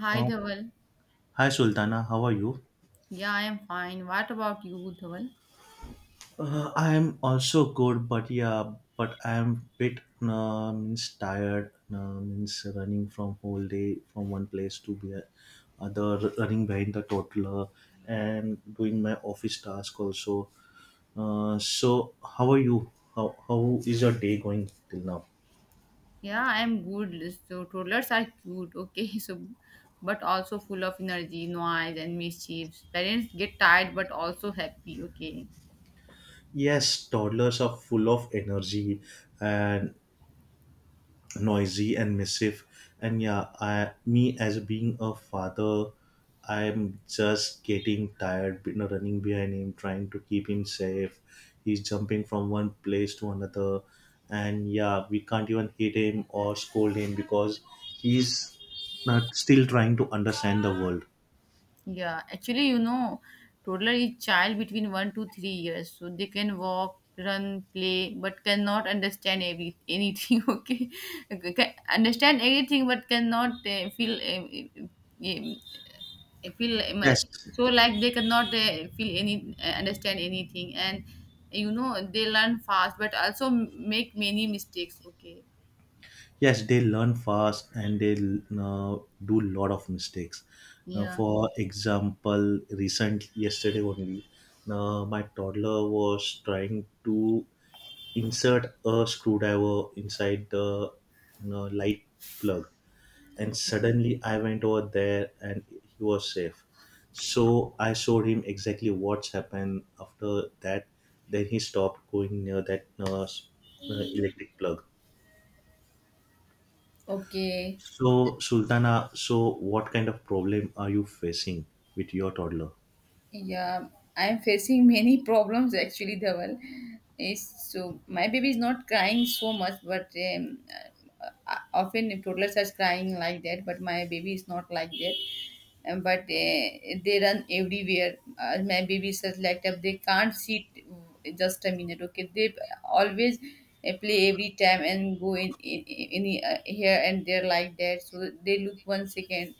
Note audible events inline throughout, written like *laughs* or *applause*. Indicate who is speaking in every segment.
Speaker 1: Hi,
Speaker 2: Uh,
Speaker 1: Dhaval.
Speaker 2: Hi Sultana, how are you?
Speaker 1: Yeah, I am fine. What about you, Dhaval?
Speaker 2: I am also good, but yeah, but I am bit means tired, means running from whole day from one place other, running behind the toddler and doing my office task also. So how are you? How is your day going till now?
Speaker 1: Yeah, I am good. So toddlers are cute, okay, *laughs* so but also full of energy, noise, and mischiefs. Parents get tired but also happy, okay.
Speaker 2: Yes, toddlers are full of energy and noisy and missive, and yeah, I me as being a father, I'm just getting tired, you know, running behind him, trying to keep him safe. He's jumping from one place to another, and yeah, we can't even hit him or scold him because he's not still trying to understand the world.
Speaker 1: Yeah, actually, toddler is child between 1 to 3 years, so they can walk, run, play, but cannot understand every anything. *laughs* Okay. Okay, can understand everything, but cannot feel, feel,
Speaker 2: Yes.
Speaker 1: so like they cannot feel any understand anything, and they learn fast, but also make many mistakes. Okay,
Speaker 2: Yes, they learn fast and they do a lot of mistakes. Now,
Speaker 1: yeah,
Speaker 2: for example, recent yesterday only, my toddler was trying to insert a screwdriver inside the, you know, light plug, and suddenly I went over there and he was safe. So I showed him exactly what's happened after that. Then he stopped going near that electric plug.
Speaker 1: okay.
Speaker 2: So, Sultana, so what kind of problem are you facing with your toddler?
Speaker 1: Yeah, I am facing many *laughs* problems actually, Dhaval. Is so my baby is not crying so much, but um, often if toddlers are crying like that, but my baby is not like that. But they run everywhere. My baby says like that they can't sit just a minute. Okay, they always play every time and go in here and there like that. So they look 1 second,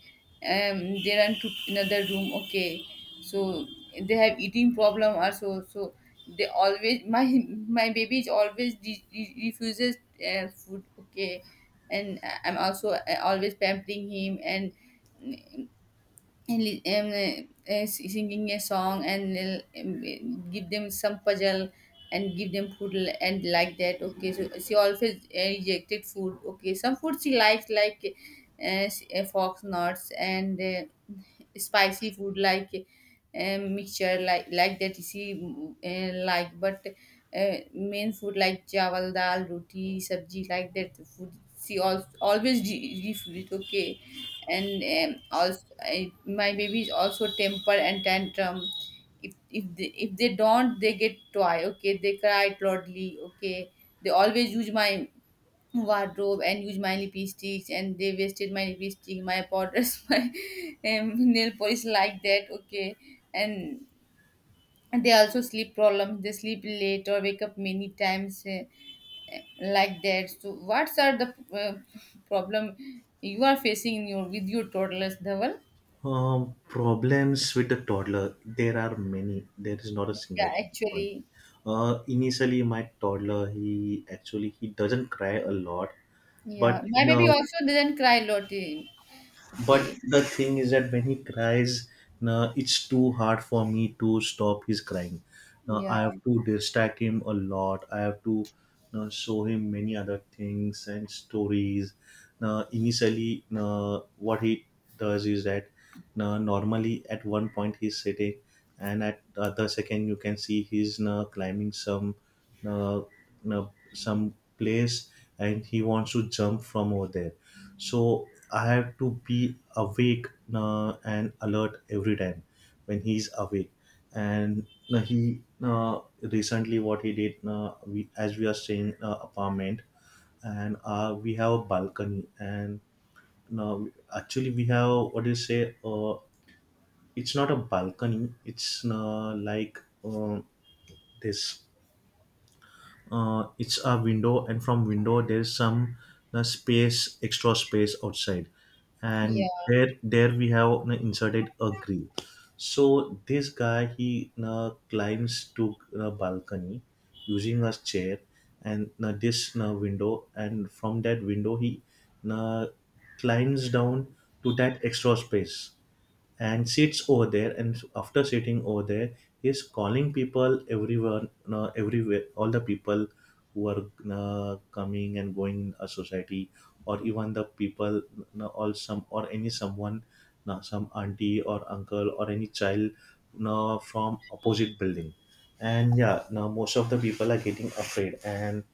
Speaker 1: they run to another room. Okay, so they have eating problem also. So they always my my baby is always refuses food. Okay, and I'm also always pampering him, and and singing a song, and give them some puzzle, and give them food and like that. Okay, so she always rejected food. Okay, some food she likes, like fox nuts and spicy food, like mixture, like that, इसी like, but main food like चावल dal, roti, सब्जी, like that food she al always refill it, okay. And also, my baby is also temper and tantrum. If if they don't they get toy, okay, they cry loudly, okay. They always use my wardrobe and use my lipsticks, and they wasted my lipstick, my powders, *laughs* my nail polish, like that, okay. And they also sleep problems, they sleep late or wake up many times, like that. So what's are the problem you are facing in your with your toddlers, Dhaval?
Speaker 2: Problems with the toddler, there are many. There is not a single
Speaker 1: Yeah,
Speaker 2: one.
Speaker 1: actually,
Speaker 2: Initially, my toddler, he actually, he doesn't cry a lot,
Speaker 1: yeah,
Speaker 2: but
Speaker 1: my baby
Speaker 2: no.
Speaker 1: also doesn't cry a lot, eh. Okay.
Speaker 2: But the thing is that when he cries, now it's too hard for me to stop his crying. Now
Speaker 1: Yeah,
Speaker 2: I have to distract him a lot. I have to now show him many other things and stories. Now initially, now what he does is that now normally at one point he's sitting, and at the other second you can see he's now climbing some, now, now some place, and he wants to jump from over there. So I have to be awake and alert every time when he's awake. And he recently, what he did, we, as we are staying apartment, and we have a balcony, and uh, actually we have, what do you say, it's not a balcony, it's like, um, this, it's a window, and from window there's some space, extra space outside,
Speaker 1: yeah,
Speaker 2: and there we have inserted a grill. So this guy, he climbs to balcony using a chair, and this window, and from that window he uh, climbs down to that extra space and sits over there. And after sitting over there, he's calling people, everyone, everywhere, all the people who are coming and going in a society, or even the people all, some or any someone, some auntie or uncle or any child from opposite building. And yeah, now most of the people are getting afraid, and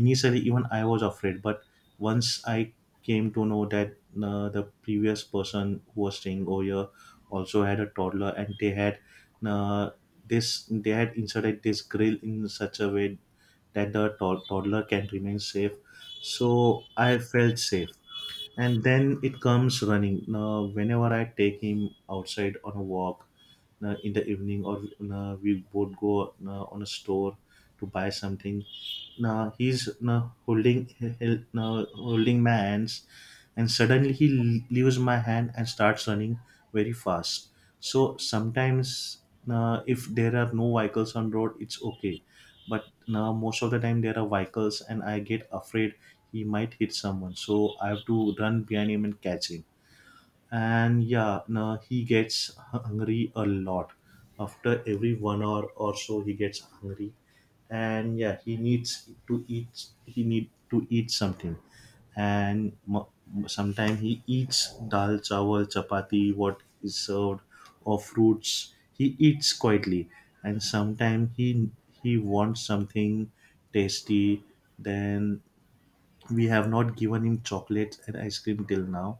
Speaker 2: initially even I was afraid, but once I came to know that the previous person who was staying over here also had a toddler, and they had, uh, this they had inserted this grill in such a way that the toddler can remain safe, so I felt safe. And then it comes running. Now, whenever I take him outside on a walk, now, in the evening, or now, we both go now, on a store to buy something, now he's now holding, now holding my hands, and suddenly he leaves my hand and starts running very fast. So sometimes, now, if there are no vehicles on road, it's okay, but now most of the time there are vehicles and I get afraid he might hit someone, so I have to run behind him and catch him. And yeah, no, he gets hungry a lot. After every 1 hour or so he gets hungry, and yeah, he needs to eat, he need to eat something. And sometimes he eats dal chawal chapati, what is served, or fruits, he eats quietly. And sometimes he wants something tasty. Then we have not given him chocolate and ice cream till now,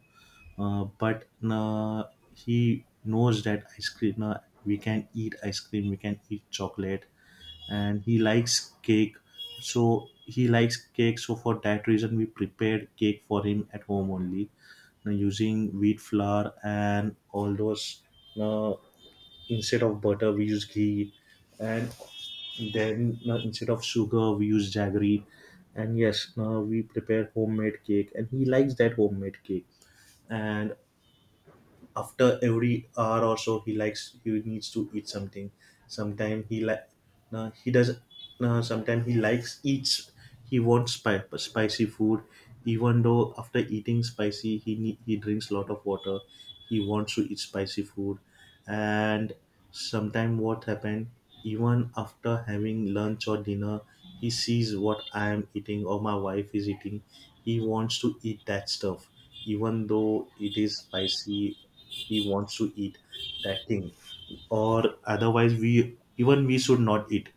Speaker 2: but he knows that ice cream, we can eat ice cream, we can eat chocolate. And he likes cake, so he likes cake, so for that reason we prepared cake for him at home only, using wheat flour and all those uh, Instead of butter, we use ghee, and then instead of sugar, we use jaggery. And yes, now we prepare homemade cake, and he likes that homemade cake. And after every hour or so, he likes, he needs to eat something. Sometimes he like, now he does. Now sometimes he likes eats. He wants spicy food, even though after eating spicy, he need, he drinks lot of water. He wants to eat spicy food. And sometimes what happen, even after having lunch or dinner, he sees what I am eating or my wife is eating. He wants to eat that stuff. Even though it is spicy, he wants to eat that thing. Or otherwise we, even we should not eat.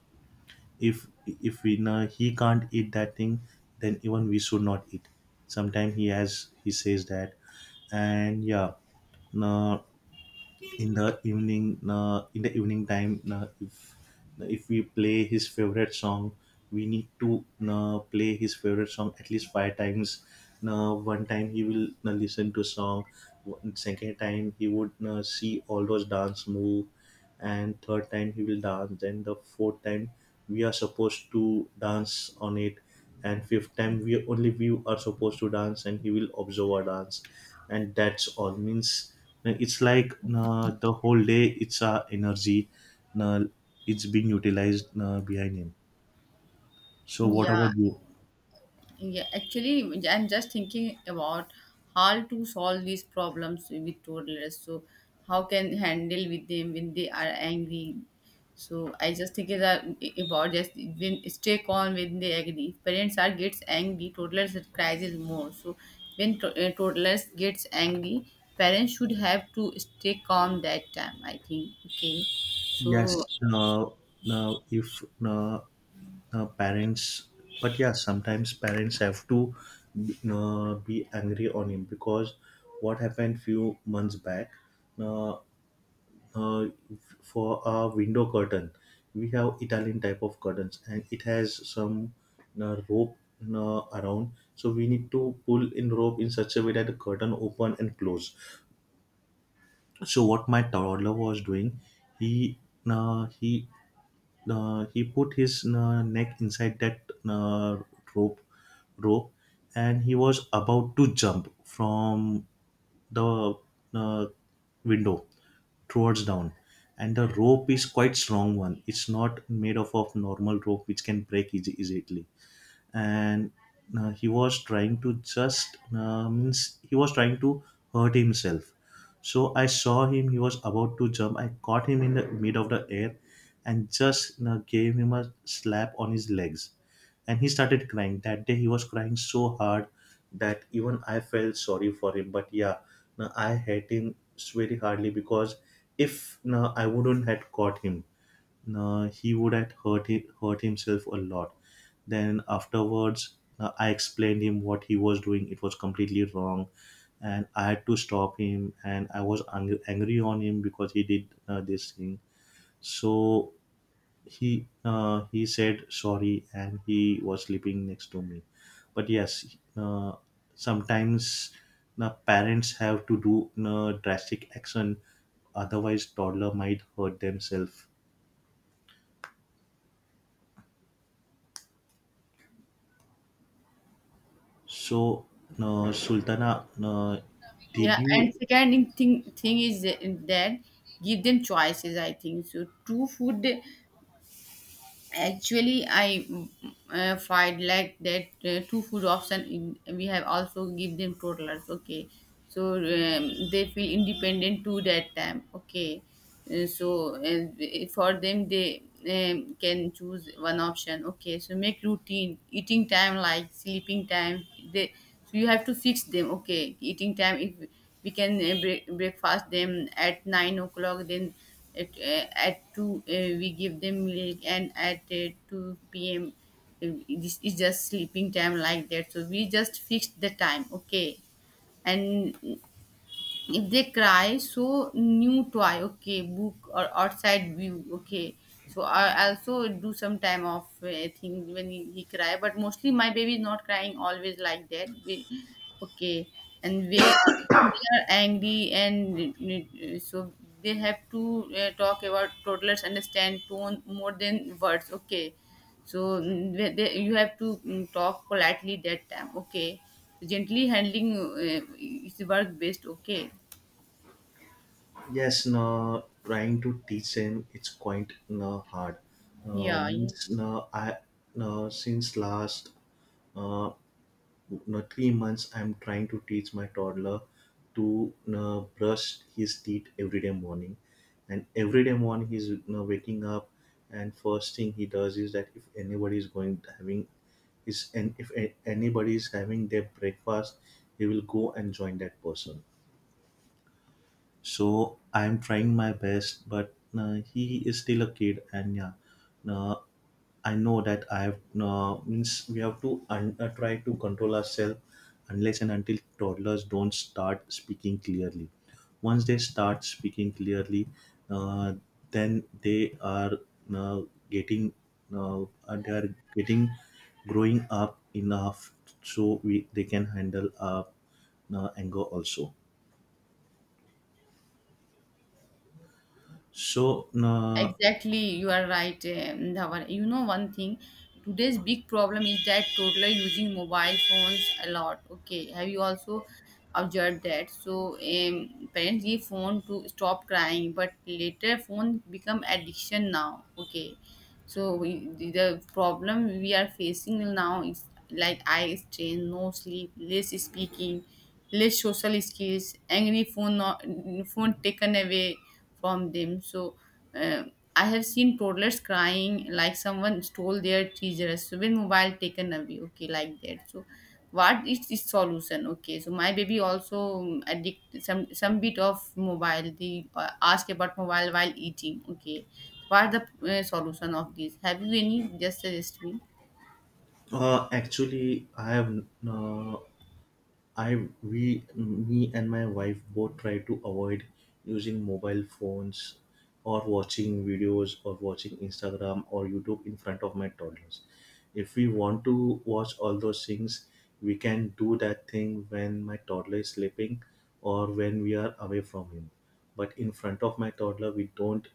Speaker 2: If we know he can't eat that thing, then even we should not eat. Sometimes he has, he says that. And yeah. No, in the evening, in the evening time, if we play his favorite song, we need to play his favorite song at least five times. One time he will listen to song, second time he would see all those dance move, and third time he will dance, then the fourth time we are supposed to dance on it, and fifth time we only we are supposed to dance and he will observe our dance. And that's all means it's like the whole day it's our energy uh, it's being utilized behind him. So what
Speaker 1: yeah.
Speaker 2: about you?
Speaker 1: Yeah, actually, I'm just thinking about how to solve these problems with toddlers. So, how can handle with them when they are angry? So, I just think that about just when stay calm when they agree. Parents are gets angry, toddlers cries more. So, when toddlers gets angry, parents should have to stay calm that time, I think. Okay, so,
Speaker 2: Yes. uh, Now if parents, but yeah, sometimes parents have to be angry on him. Because what happened few months back, uh, uh, for a window curtain, we have Italian type of curtains, and it has some rope around, so we need to pull in rope in such a way that the curtain open and close. So what my toddler was doing, he uh, he he put his neck inside that uh, rope rope, and he was about to jump from the uh, window towards down. And the rope is quite strong one, it's not made of normal rope which can break easy, easily. And he was trying to just means he was trying to hurt himself. So I saw him, he was about to jump, I caught him in the mid of the air, and just gave him a slap on his legs. And he started crying, that day he was crying so hard that even I felt sorry for him. But yeah, no, I hate him very hardly because if no, I wouldn't had caught him, he would have hurt, hurt himself a lot. Then afterwards, I explained him what he was doing. It was completely wrong, and I had to stop him. And I was angry on him because he did this thing. So he said sorry, and he was sleeping next to me. But yes, sometimes the parents have to do drastic action, otherwise toddler might hurt themselves. So, no, Sultana, no,
Speaker 1: yeah,
Speaker 2: did you?
Speaker 1: and second in thing is that give them choices, I think. So, true food. Actually, I find like that two food option in, we have also give them toddlers. Okay, so they feel independent to that time. Okay. Uh, so uh, for them, they can choose one option. Okay, so make routine eating time like sleeping time. They, so you have to fix them. Okay, eating time, if we can breakfast them at 9 o'clock, then at 2, we give them milk, and at 2 p.m., this is just sleeping time like that, so we just fixed the time, okay. And if they cry, so new toy, okay, book or outside view, okay. So I also do some time of thing when he cry, but mostly my baby is not crying always like that, we, okay. And they are angry and so they have to talk about. Toddlers understand tone more than words, okay. So you have to talk politely that time, okay. Gently handling is work best, okay.
Speaker 2: Yes, no, trying to teach them it's quite no hard.
Speaker 1: Yeah, yeah.
Speaker 2: No, I, no, since last, uh, no, 3 months I'm trying to teach my toddler to brush his teeth every day morning. And every day morning he's, you know, waking up, and first thing he does is that if anybody is going having is, and if anybody is having their breakfast, he will go and join that person. So I'm trying my best, but he is still a kid. And yeah, uh, I know that I have, means we have to try to control ourselves unless and until toddlers don't start speaking clearly. Once they start speaking clearly, uh, then they are uh, getting they are getting growing up enough, so we they can handle our anger also. So
Speaker 1: Exactly. You are right, Dhawan. You know one thing, today's big problem is that toddler using mobile phones a lot. Okay, have you also observed that? So parents give phone to stop crying, but later phone become addiction now. Okay, so we, the problem we are facing now is like eye strain, no sleep, less speaking, less social skills, angry phone not phone taken away from them. So uh, I have seen toddlers crying like someone stole their treasures. So when mobile taken away, okay, like that. So what is its solution? Okay, so my baby also addict some bit of mobile. They ask about mobile while eating, okay. What are the solution of this? Have you any? Just suggest me.
Speaker 2: uh, actually, I have I, we, me and my wife both try to avoid using mobile phones or watching videos or watching Instagram or YouTube in front of my toddlers. If we want to watch all those things, we can do that thing when my toddler is sleeping or when we are away from him. But in front of my toddler, we don't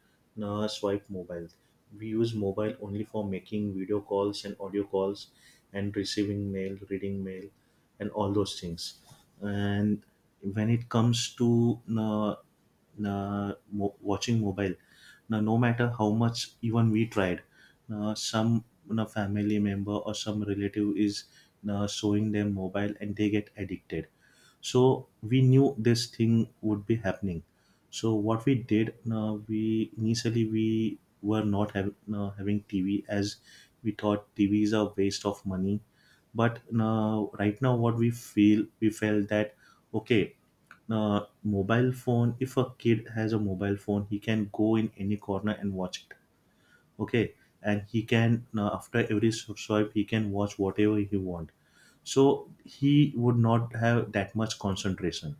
Speaker 2: swipe mobile. We use mobile only for making video calls and audio calls and receiving mail, reading mail, and all those things. And when it comes to watching mobile, now no matter how much even we tried, some family member or some relative is showing them mobile and they get addicted. So we knew this thing would be happening, so what we did, we were not having TV, as we thought TV is a waste of money. But now, right now, what we feel we felt that, okay, mobile phone, if a kid has a mobile phone, he can go in any corner and watch it. Okay. And he can, after every swipe, he can watch whatever he want, so he would not have that much concentration.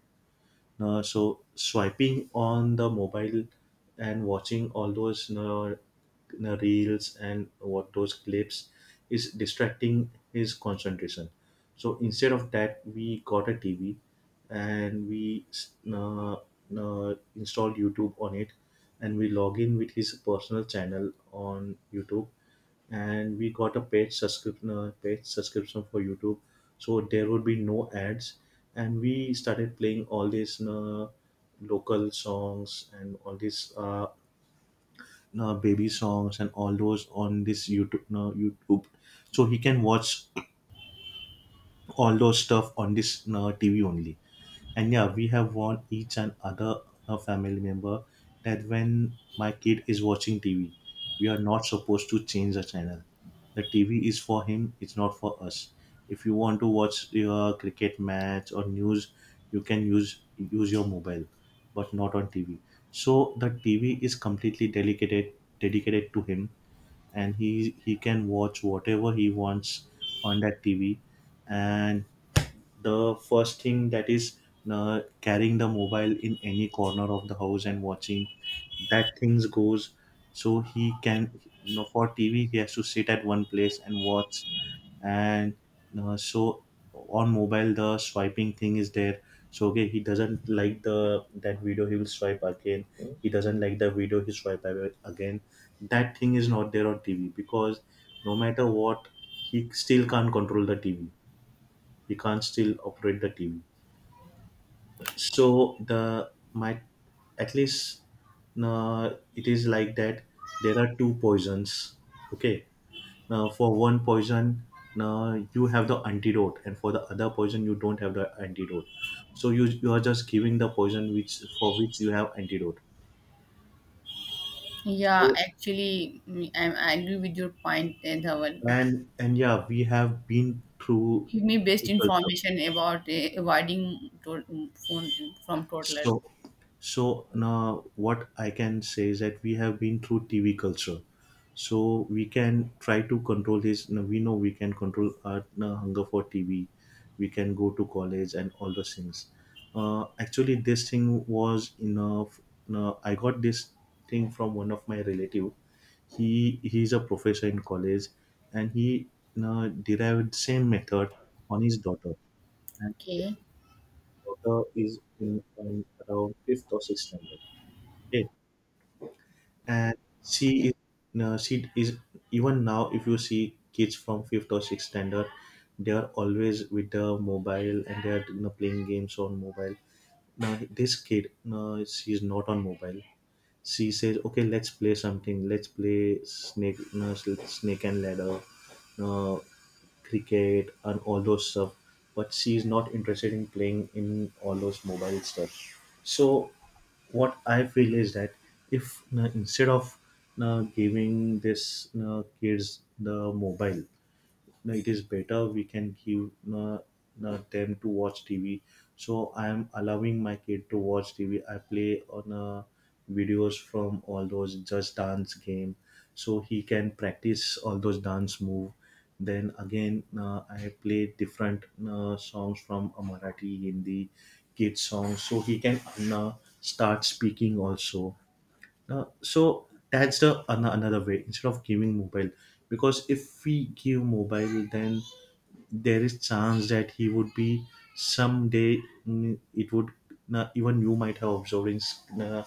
Speaker 2: No, so swiping on the mobile and watching all those, no, no reels and what those clips is distracting his concentration. So instead of that, we got a TV and we installed YouTube on it, and we log in with his personal channel on YouTube, and we got a paid subscription, paid subscription for YouTube, so there would be no ads. And we started playing all these local songs and all these baby songs and all those on this YouTube, so he can watch all those stuff on this TV only. And yeah, we have warned each and other family member that when my kid is watching TV, we are not supposed to change the channel. The TV is for him; it's not for us. If you want to watch your cricket match or news, you can use your mobile, but not on TV. So the TV is completely dedicated to him, and he can watch whatever he wants on that TV. And the first thing that is, carrying the mobile in any corner of the house and watching, that things goes. So he can, for TV he has to sit at one place and watch. And uh, so on mobile the swiping thing is there, so okay, he doesn't like the that video, he will swipe again; he doesn't like the video, he swipe away again. That thing is not there on TV because no matter what, he still can't control the TV. He can't still operate the TV. So the my, at least, it is like that. There are two poisons. Okay, now for one poison, now you have the antidote, and for the other poison, you don't have the antidote. So you are just giving the poison which for which you have antidote.
Speaker 1: Yeah,
Speaker 2: So,
Speaker 1: actually, I agree with your point, Dhawan.
Speaker 2: and yeah, we have been through
Speaker 1: Give me best
Speaker 2: TV culture.
Speaker 1: information about avoiding phone from toddler.
Speaker 2: So, so now what I can say is that we have been through TV culture, so we can try to control this. No, we know we can control our, no, hunger for TV. We can go to college and all those things. Actually, this thing was enough. Now I got this thing from one of my relative. He's a professor in college, and he, no, derived same method on his daughter.
Speaker 1: Okay.
Speaker 2: Daughter is in around fifth or sixth standard. Okay, and she is, no, she is, even now. If you see kids from fifth or sixth standard, they are always with the mobile and they are, playing games on mobile. Now this kid, no, she is not on mobile. She says, "Okay, let's play something. Let's play snake, no, snake and ladder." No, cricket and all those stuff, but she is not interested in playing in all those mobile stuff. So what I feel is that if, instead of giving this kids the mobile, no, it is better we can give them to watch TV. So I am allowing my kid to watch TV. I play on videos from all those just dance game, so he can practice all those dance move. Then again, I play different songs from Marathi, Hindi kids songs, so he can uh, start speaking also. So that's the another way instead of giving mobile, because if we give mobile then there is chance that he would be someday, it would, na, even you might have observed in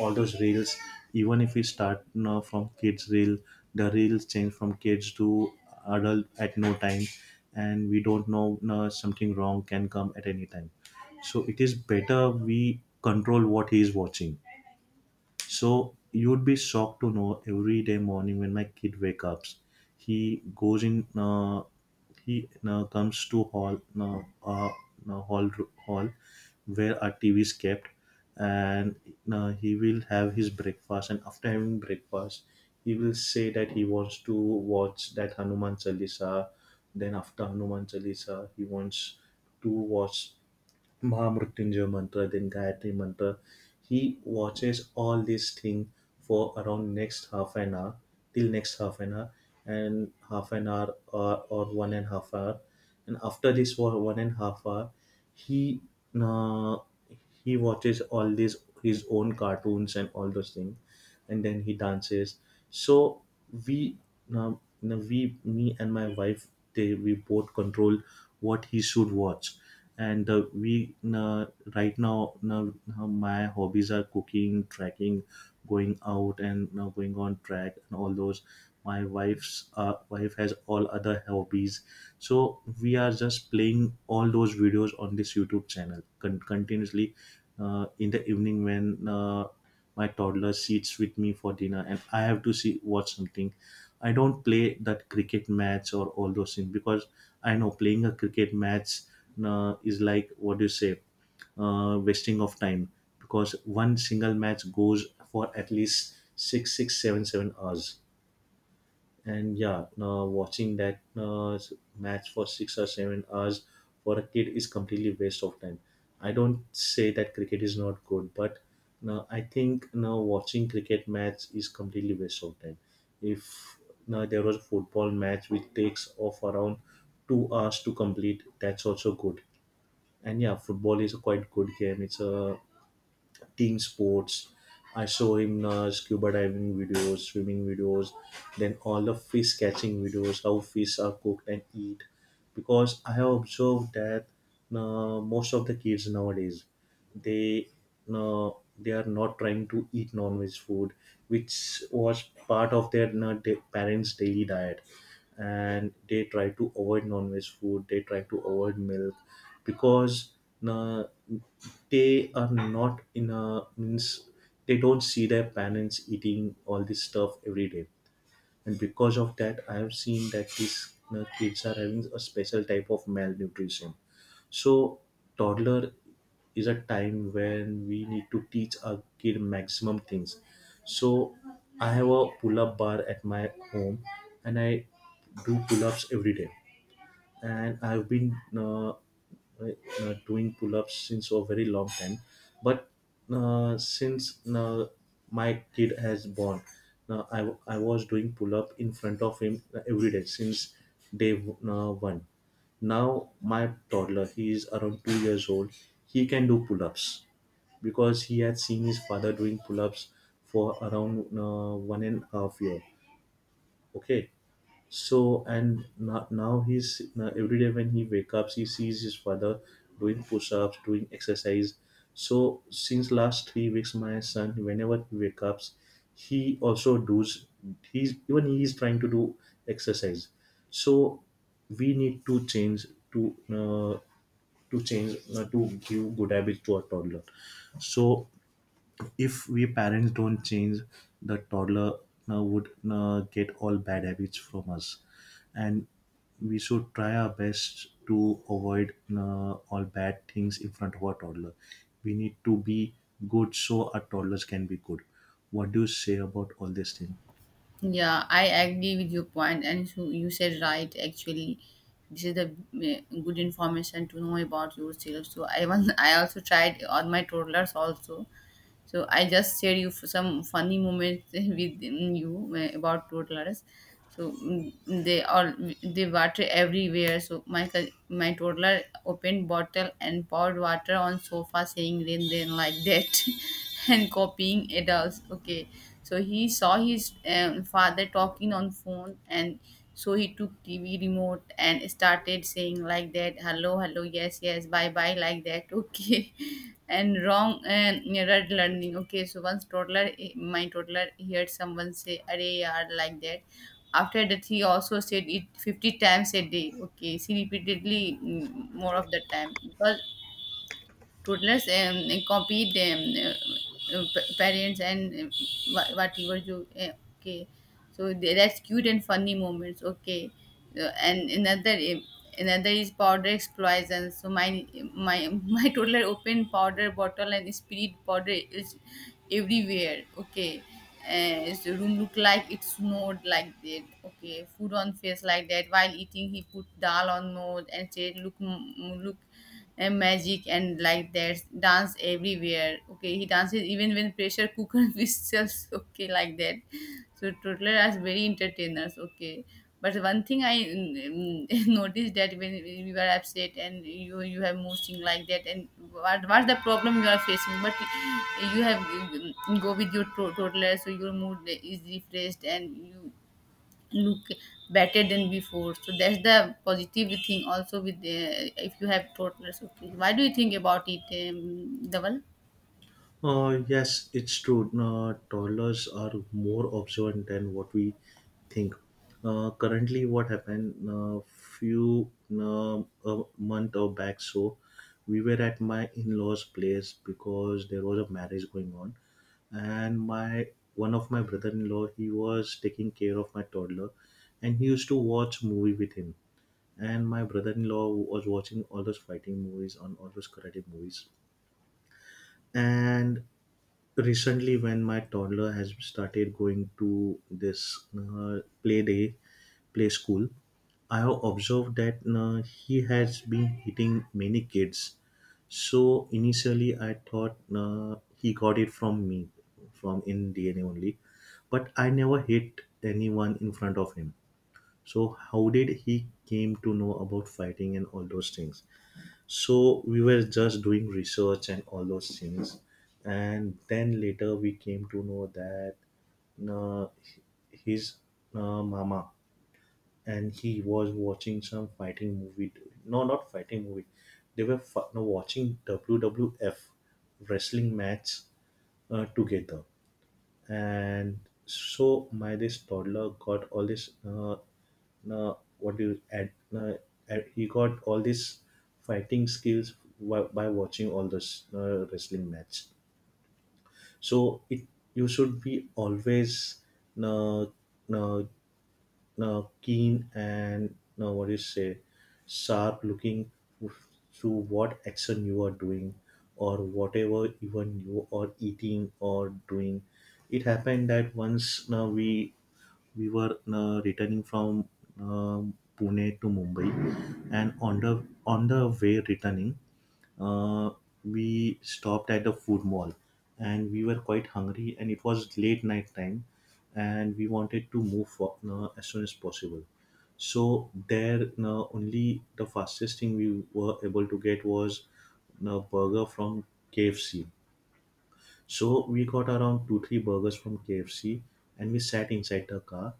Speaker 2: all those reels, even if we start now from kids reel, the reels change from kids to adult at no time, and we don't know, na, something wrong can come at any time. So it is better we control what he is watching. So you'd be shocked to know every day morning when my kid wakes up, he goes in. He comes to hall, uh, hall, hall where our TV is kept, and he will have his breakfast. And after having breakfast, he will say that he wants to watch that Hanuman Chalisa. Then after Hanuman Chalisa, he wants to watch Mahamrutyunjay mantra, then Gayatri mantra. He watches all these thing for around next half an hour, till next half an hour, and half an hour or one and half hour. And after this one and half hour, he, uh, he watches all these his own cartoons and all those things, and then he dances. So we, now now we, me and my wife, they we both control what he should watch. And we right now my hobbies are cooking, trekking, going out, and now going on track and all those. My wife has all other hobbies. So we are just playing all those videos on this YouTube channel continuously. In the evening when my toddler sits with me for dinner and I have to see watch something, I don't play that cricket match or all those things because I know playing a cricket match, is like, what do you say, wasting of time. Because one single match goes for at least six seven hours. And yeah, watching that match for 6 or 7 hours for a kid is completely waste of time. I don't say that cricket is not good, but now I think now watching cricket match is completely waste of time. If now there was a football match which takes off around 2 hours to complete, that's also good. And yeah, football is a quite good game, it's a team sports. I saw him scuba diving videos, swimming videos, then all the fish catching videos, how fish are cooked and eat. Because I have observed that most of the kids nowadays, they, uh, they are not trying to eat non-veg food, which was part of their parents' daily diet, and they try to avoid non-veg food, they try to avoid milk, because uh, they are not in a means, they don't see their parents eating all this stuff every day. And because of that, I have seen that these, kids are having a special type of malnutrition. So toddler is a time when we need to teach our kid maximum things. So I have a pull-up bar at my home, and I do pull-ups every day, and I've been doing pull-ups since a very long time. But since my kid has born, I was doing pull-up in front of him every day since day one. Now my toddler, he is around 2 years old. He can do pull-ups because he had seen his father doing pull-ups for around one and a half year. Okay. So and now, now he's now every day when he wake up, he sees his father doing push-ups, doing exercise. So since last 3 weeks, my son, whenever he wakes up, he also does. He is trying to do exercise. So we need to change to, to change to give good habits to our toddler. So if we parents don't change, the toddler would get all bad habits from us. And we should try our best to avoid all bad things in front of our toddler. We need to be good so our toddlers can be good. What do you say about all this thing?
Speaker 1: Yeah, I agree with your point, and so you said right. Actually, this is the good information to know about yourself. So I was, *laughs* I also tried on my toddlers also. So I just shared you some funny moments *laughs* with you, about toddlers. So they water everywhere. So my my toddler opened bottle and poured water on sofa, saying "rain, rain," like that, *laughs* and copying adults, okay. So he saw his father talking on phone, and so he took TV remote and started saying like that, "Hello, hello, yes, yes, bye, bye," like that. *laughs* Okay. And wrong and red learning, okay. So once toddler my toddler heard someone say "array yaar," like that. After that, he also said it 50 times a day, okay. She repeatedly, more of the time, because toddlers compete parents, and whatever you okay. So that's cute and funny moments, okay. And another is powder explosion. So my *laughs* my toddler opened powder bottle and spirit powder is everywhere, okay. So room looked like it snowed like that, okay. Food on face, like that. While eating, he put dal on nose and said, "Look, look," and "magic," and like that. Dance everywhere, okay. He dances even when pressure cooker *laughs* whistles, okay, like that. So toddler are very entertainers, okay. But one thing, I *laughs* noticed that when you are upset and you have motion like that and what's the problem you are facing, but you have go with your toddler, so your mood is refreshed and you look better than before. So that's the positive thing also with the, if you have toddlers, okay. Why do you think about it, Dhaval?
Speaker 2: Yes, it's true. Toddlers are more observant than what we think. Currently, what happened a few, a month or back, so we were at my in-laws' place because there was a marriage going on, and my, one of my brother-in-law, he was taking care of my toddler, and he used to watch movie with him. And my brother-in-law was watching all those fighting movies on all those karate movies, and recently when my toddler has started going to this play school, I have observed that he has been hitting many kids. So initially I thought he got it from me, from in DNA only, but I never hit anyone in front of him. So how did he came to know about fighting and all those things? So we were just doing research and all those things. And then later we came to know that uh, his mama and he was watching some fighting movie. No, not fighting movie. They were fi- no, Watching WWF wrestling match together. And my this toddler got all this what do you add add- he got all these fighting skills by watching all this wrestling match. So it, you should be always uh, uh, keen and, what do you say sharp looking to what action you are doing, or whatever, even you are eating or doing. It happened that once, we were returning from pune to mumbai, and on the way returning, uh, we stopped at the food mall, and we were quite hungry and it was late night time, and we wanted to move for, as soon as possible. So there, only the fastest thing we were able to get was a burger from kfc. So we got around 2 3 burgers from kfc, and we sat inside the car.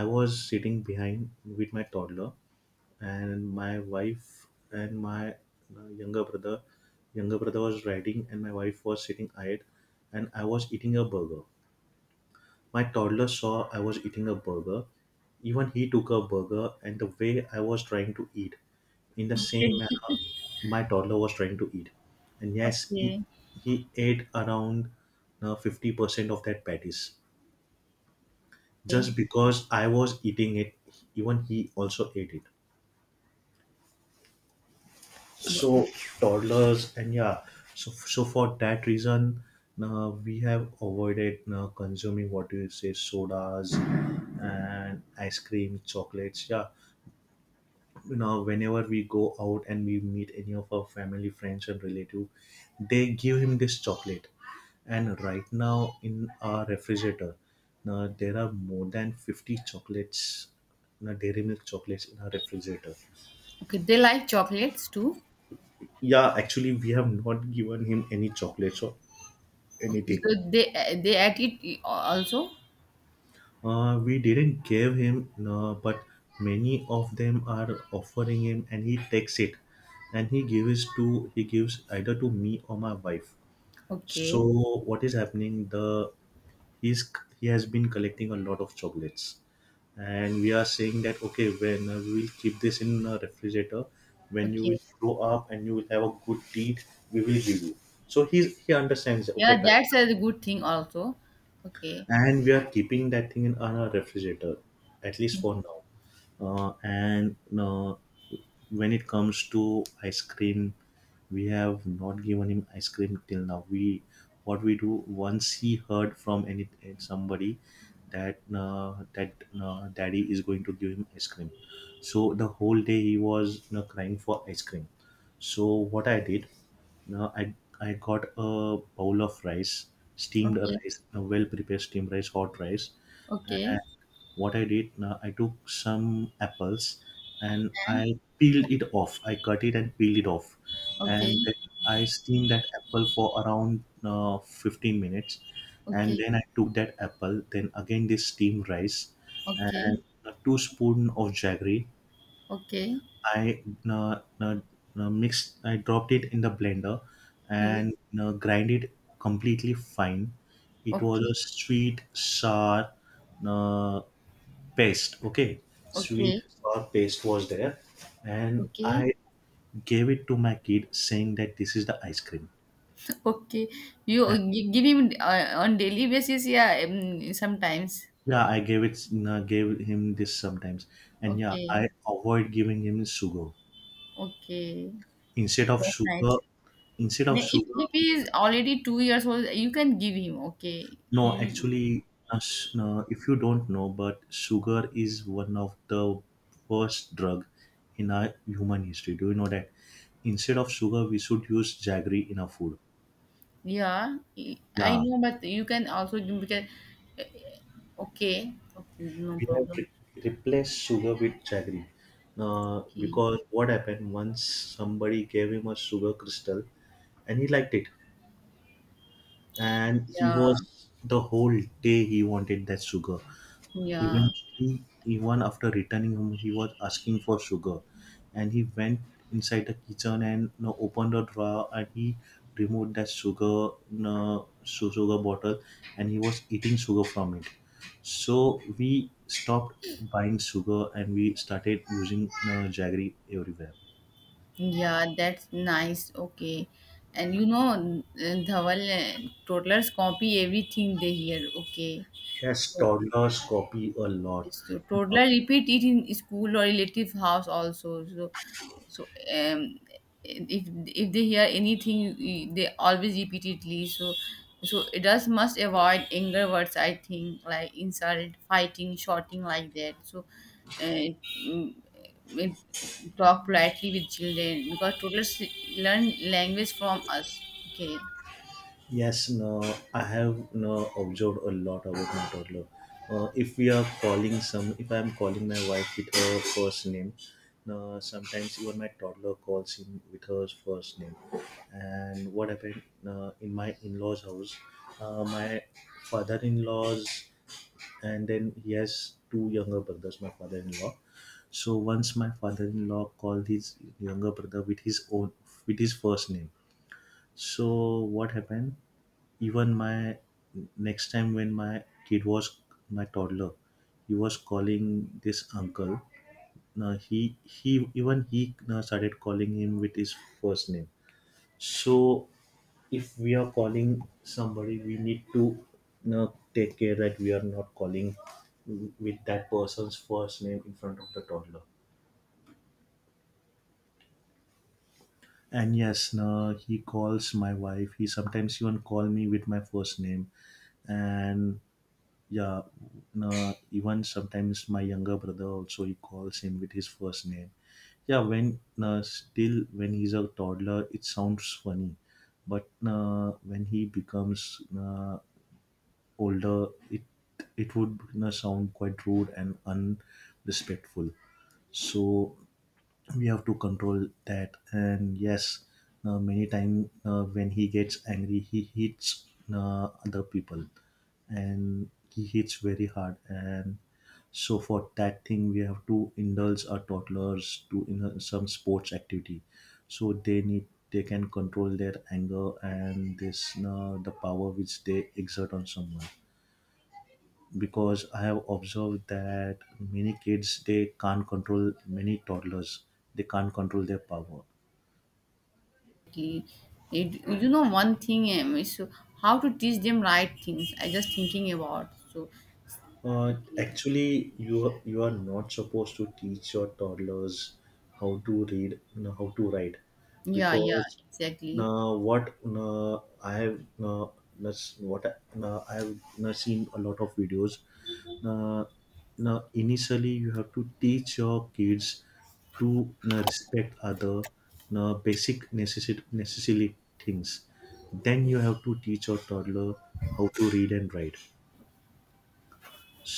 Speaker 2: I was sitting behind with my toddler, and my wife and my uh, younger brother younger brother was riding, and my wife was sitting ahead. And I was eating a burger. My toddler saw I was eating a burger. Even he took a burger, and the way I was trying to eat, in the same
Speaker 1: Okay.
Speaker 2: manner my toddler was trying to eat. And yes,
Speaker 1: Okay,
Speaker 2: he ate around 50% of that patties, just because I was eating it, even he also ate it. So toddlers, and yeah. So for that reason, we have avoided consuming what you say, sodas and ice cream, chocolates, yeah. You know, whenever we go out and we meet any of our family friends and relative, they give him this chocolate. And right now in our refrigerator, now there are more than 50 chocolates, now dairy milk chocolates in our refrigerator.
Speaker 1: okay, they like chocolates too,
Speaker 2: Yeah, actually we have not given him any chocolate, so
Speaker 1: okay, so
Speaker 2: anything.
Speaker 1: they at it also,
Speaker 2: We didn't give him, no, but many of them are offering him, and he takes it, and he gives either to me or my wife. So
Speaker 1: okay.
Speaker 2: what is happening? The he's He has been collecting a lot of chocolates, and we are saying that okay, when we will keep this in a refrigerator, when you
Speaker 1: Okay.
Speaker 2: will grow up and you will have a good teeth, we will give you. So he understands. Okay,
Speaker 1: Yeah,
Speaker 2: Pat,
Speaker 1: that's a good thing also. Okay,
Speaker 2: and we are keeping that thing in our refrigerator at least for now, and when it comes to ice cream, we have not given him ice cream till now. We What we do, once he heard from any somebody that daddy is going to give him ice cream, so the whole day he was, you know, crying for ice cream. So what I did, now I got a bowl of rice, steamed
Speaker 1: okay,
Speaker 2: rice, a well prepared steamed rice, hot rice, and
Speaker 1: okay,
Speaker 2: what I did, now I took some apples and
Speaker 1: and
Speaker 2: I peeled it off. I cut it and peeled it off,
Speaker 1: okay,
Speaker 2: and then I steamed that apple for around 15 minutes, and
Speaker 1: okay,
Speaker 2: then I took that apple, then again this steamed rice, and
Speaker 1: okay,
Speaker 2: a two spoon of jaggery,
Speaker 1: okay,
Speaker 2: I uh, uh, mixed. I dropped it in the blender
Speaker 1: okay,
Speaker 2: and grind it completely fine. It was
Speaker 1: okay,
Speaker 2: a sweet sour uh, paste. Okay, sweet
Speaker 1: okay,
Speaker 2: sour paste was there, and
Speaker 1: okay.
Speaker 2: I gave it to my kid, saying that this is the ice cream.
Speaker 1: Okay,
Speaker 2: And
Speaker 1: you give him on daily basis, yeah, sometimes.
Speaker 2: yeah, I gave it, gave him this sometimes, and yeah,
Speaker 1: Okay,
Speaker 2: I avoid giving him sugar
Speaker 1: okay,
Speaker 2: instead of
Speaker 1: that's
Speaker 2: sugar.
Speaker 1: nice.
Speaker 2: Instead
Speaker 1: Now,
Speaker 2: of
Speaker 1: if,
Speaker 2: sugar,
Speaker 1: if he is already 2 years old, you can give him, okay,
Speaker 2: no,
Speaker 1: you.
Speaker 2: actually, if you don't know, but sugar is one of the worst drug in our human history. Do you know that? Instead of sugar, we should use jaggery in our food.
Speaker 1: Yeah, I
Speaker 2: Yeah,
Speaker 1: know, but you can also give because okay, okay, no
Speaker 2: we have
Speaker 1: problem.
Speaker 2: replaced sugar with jaggery.
Speaker 1: Okay,
Speaker 2: Because what happened, once somebody gave him a sugar crystal and he liked it. And he
Speaker 1: yeah,
Speaker 2: was the whole day he wanted that sugar.
Speaker 1: yeah,
Speaker 2: Eventually, even after returning home, he was asking for sugar, and he went inside the kitchen and, you know, opened a drawer, and he removed that sugar, you know, sugar bottle, and he was eating sugar from it. So we stopped buying sugar and we started using, you know, jaggery everywhere.
Speaker 1: yeah, that's nice. Okay, and you know, Dhawal, toddlers copy everything they hear, okay.
Speaker 2: Yes,
Speaker 1: So,
Speaker 2: toddlers copy a lot.
Speaker 1: So toddler repeat it in school or relative house also. So um, if they hear anything, they always repeatedly. So adults must avoid anger words, I think, like insult, fighting, shouting, like that. So uh, mm, it, talk politely with children, because toddlers learn language from us. Okay.
Speaker 2: Yes, no, I have no observed a lot about my toddler. If we are calling some, if I am calling my wife with her first name, no, sometimes even my toddler calls him with her first name. And what happened in my in-laws' house? My father-in-laws, and then he has two younger brothers. My father-in-law. So once my father-in-law called his younger brother with his own, with his first name. So what happened? Even my next time when my kid was, my toddler, he was calling this uncle. Now he now started calling him with his first name. So if we are calling somebody, we need to now take care that we are not calling with that person's first name in front of the toddler. And yes, now he calls my wife. He sometimes even call me with my first name. And yeah, no, even sometimes my younger brother also, he calls him with his first name. Yeah, when, still when he's a toddler, it sounds funny, but when he becomes older, it would sound quite rude and unrespectful. So we have to control that. And yes, many time, when he gets angry, he hits other people, and he hits very hard. And so for that thing, we have to indulge our toddlers to in some sports activity, so they can control their anger and this, the power which they exert on someone. Because I have observed that many kids, they can't control, many toddlers, they can't control their power.
Speaker 1: Exactly. One thing is how to teach them right things, I just thinking about. So, okay.
Speaker 2: Actually, you are not supposed to teach your toddlers how to read, no, how to write,
Speaker 1: Yeah, yeah,
Speaker 2: because
Speaker 1: exactly.
Speaker 2: now what no, I have that's what I, I have no, seen a lot of videos. Now, Now initially you have to teach your kids to, no, respect other, no, basic necessity necessary things. Then you have to teach your toddler how to read and write.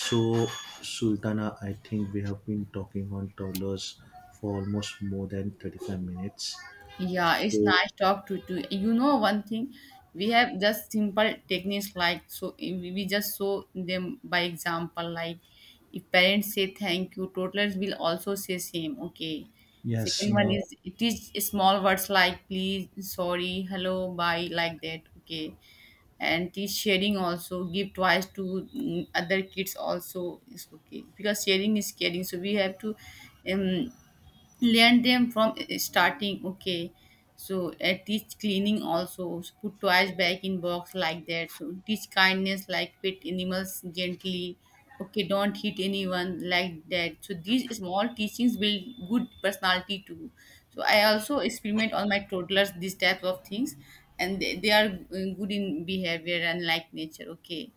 Speaker 2: So, Sultana, I think we have been talking on travelers for almost more than 35 minutes.
Speaker 1: Yeah, it's
Speaker 2: So,
Speaker 1: nice talk to you know one thing. We have just simple techniques, like so we just show them by example, like if parents say thank you, toddlers will also say same. Okay.
Speaker 2: yes,
Speaker 1: Second one
Speaker 2: now,
Speaker 1: is teach small words like please, sorry, hello, bye, like that. Okay. And teach sharing also, give twice to other kids also is okay because sharing is caring, so we have to um, learn them from starting, okay. So teach cleaning also, so put toys back in box like that, so teach kindness, like pet animals gently, okay, don't hit anyone like that. So these small teachings build good personality too. So I also experiment on my toddlers these types of things, and they are good in behavior and like nature, okay.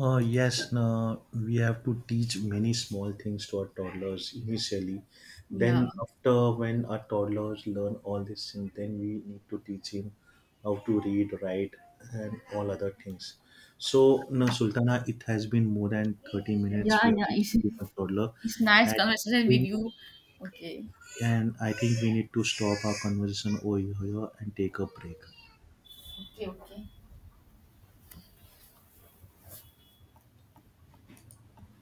Speaker 2: yes, now we have to teach many small things to our toddlers initially.
Speaker 1: Yeah,
Speaker 2: Then, after when our toddlers learn all these things, then we need to teach him how to read, write, and all other things. So, now, Sultana, it has been more than 30 minutes
Speaker 1: yeah,
Speaker 2: we have
Speaker 1: yeah. *laughs*
Speaker 2: been
Speaker 1: it's,
Speaker 2: speaking on toddler,
Speaker 1: it's nice
Speaker 2: and I
Speaker 1: conversation with
Speaker 2: think,
Speaker 1: you. Okay,
Speaker 2: we need to stop our conversation over here and take a break.
Speaker 1: okay, okay.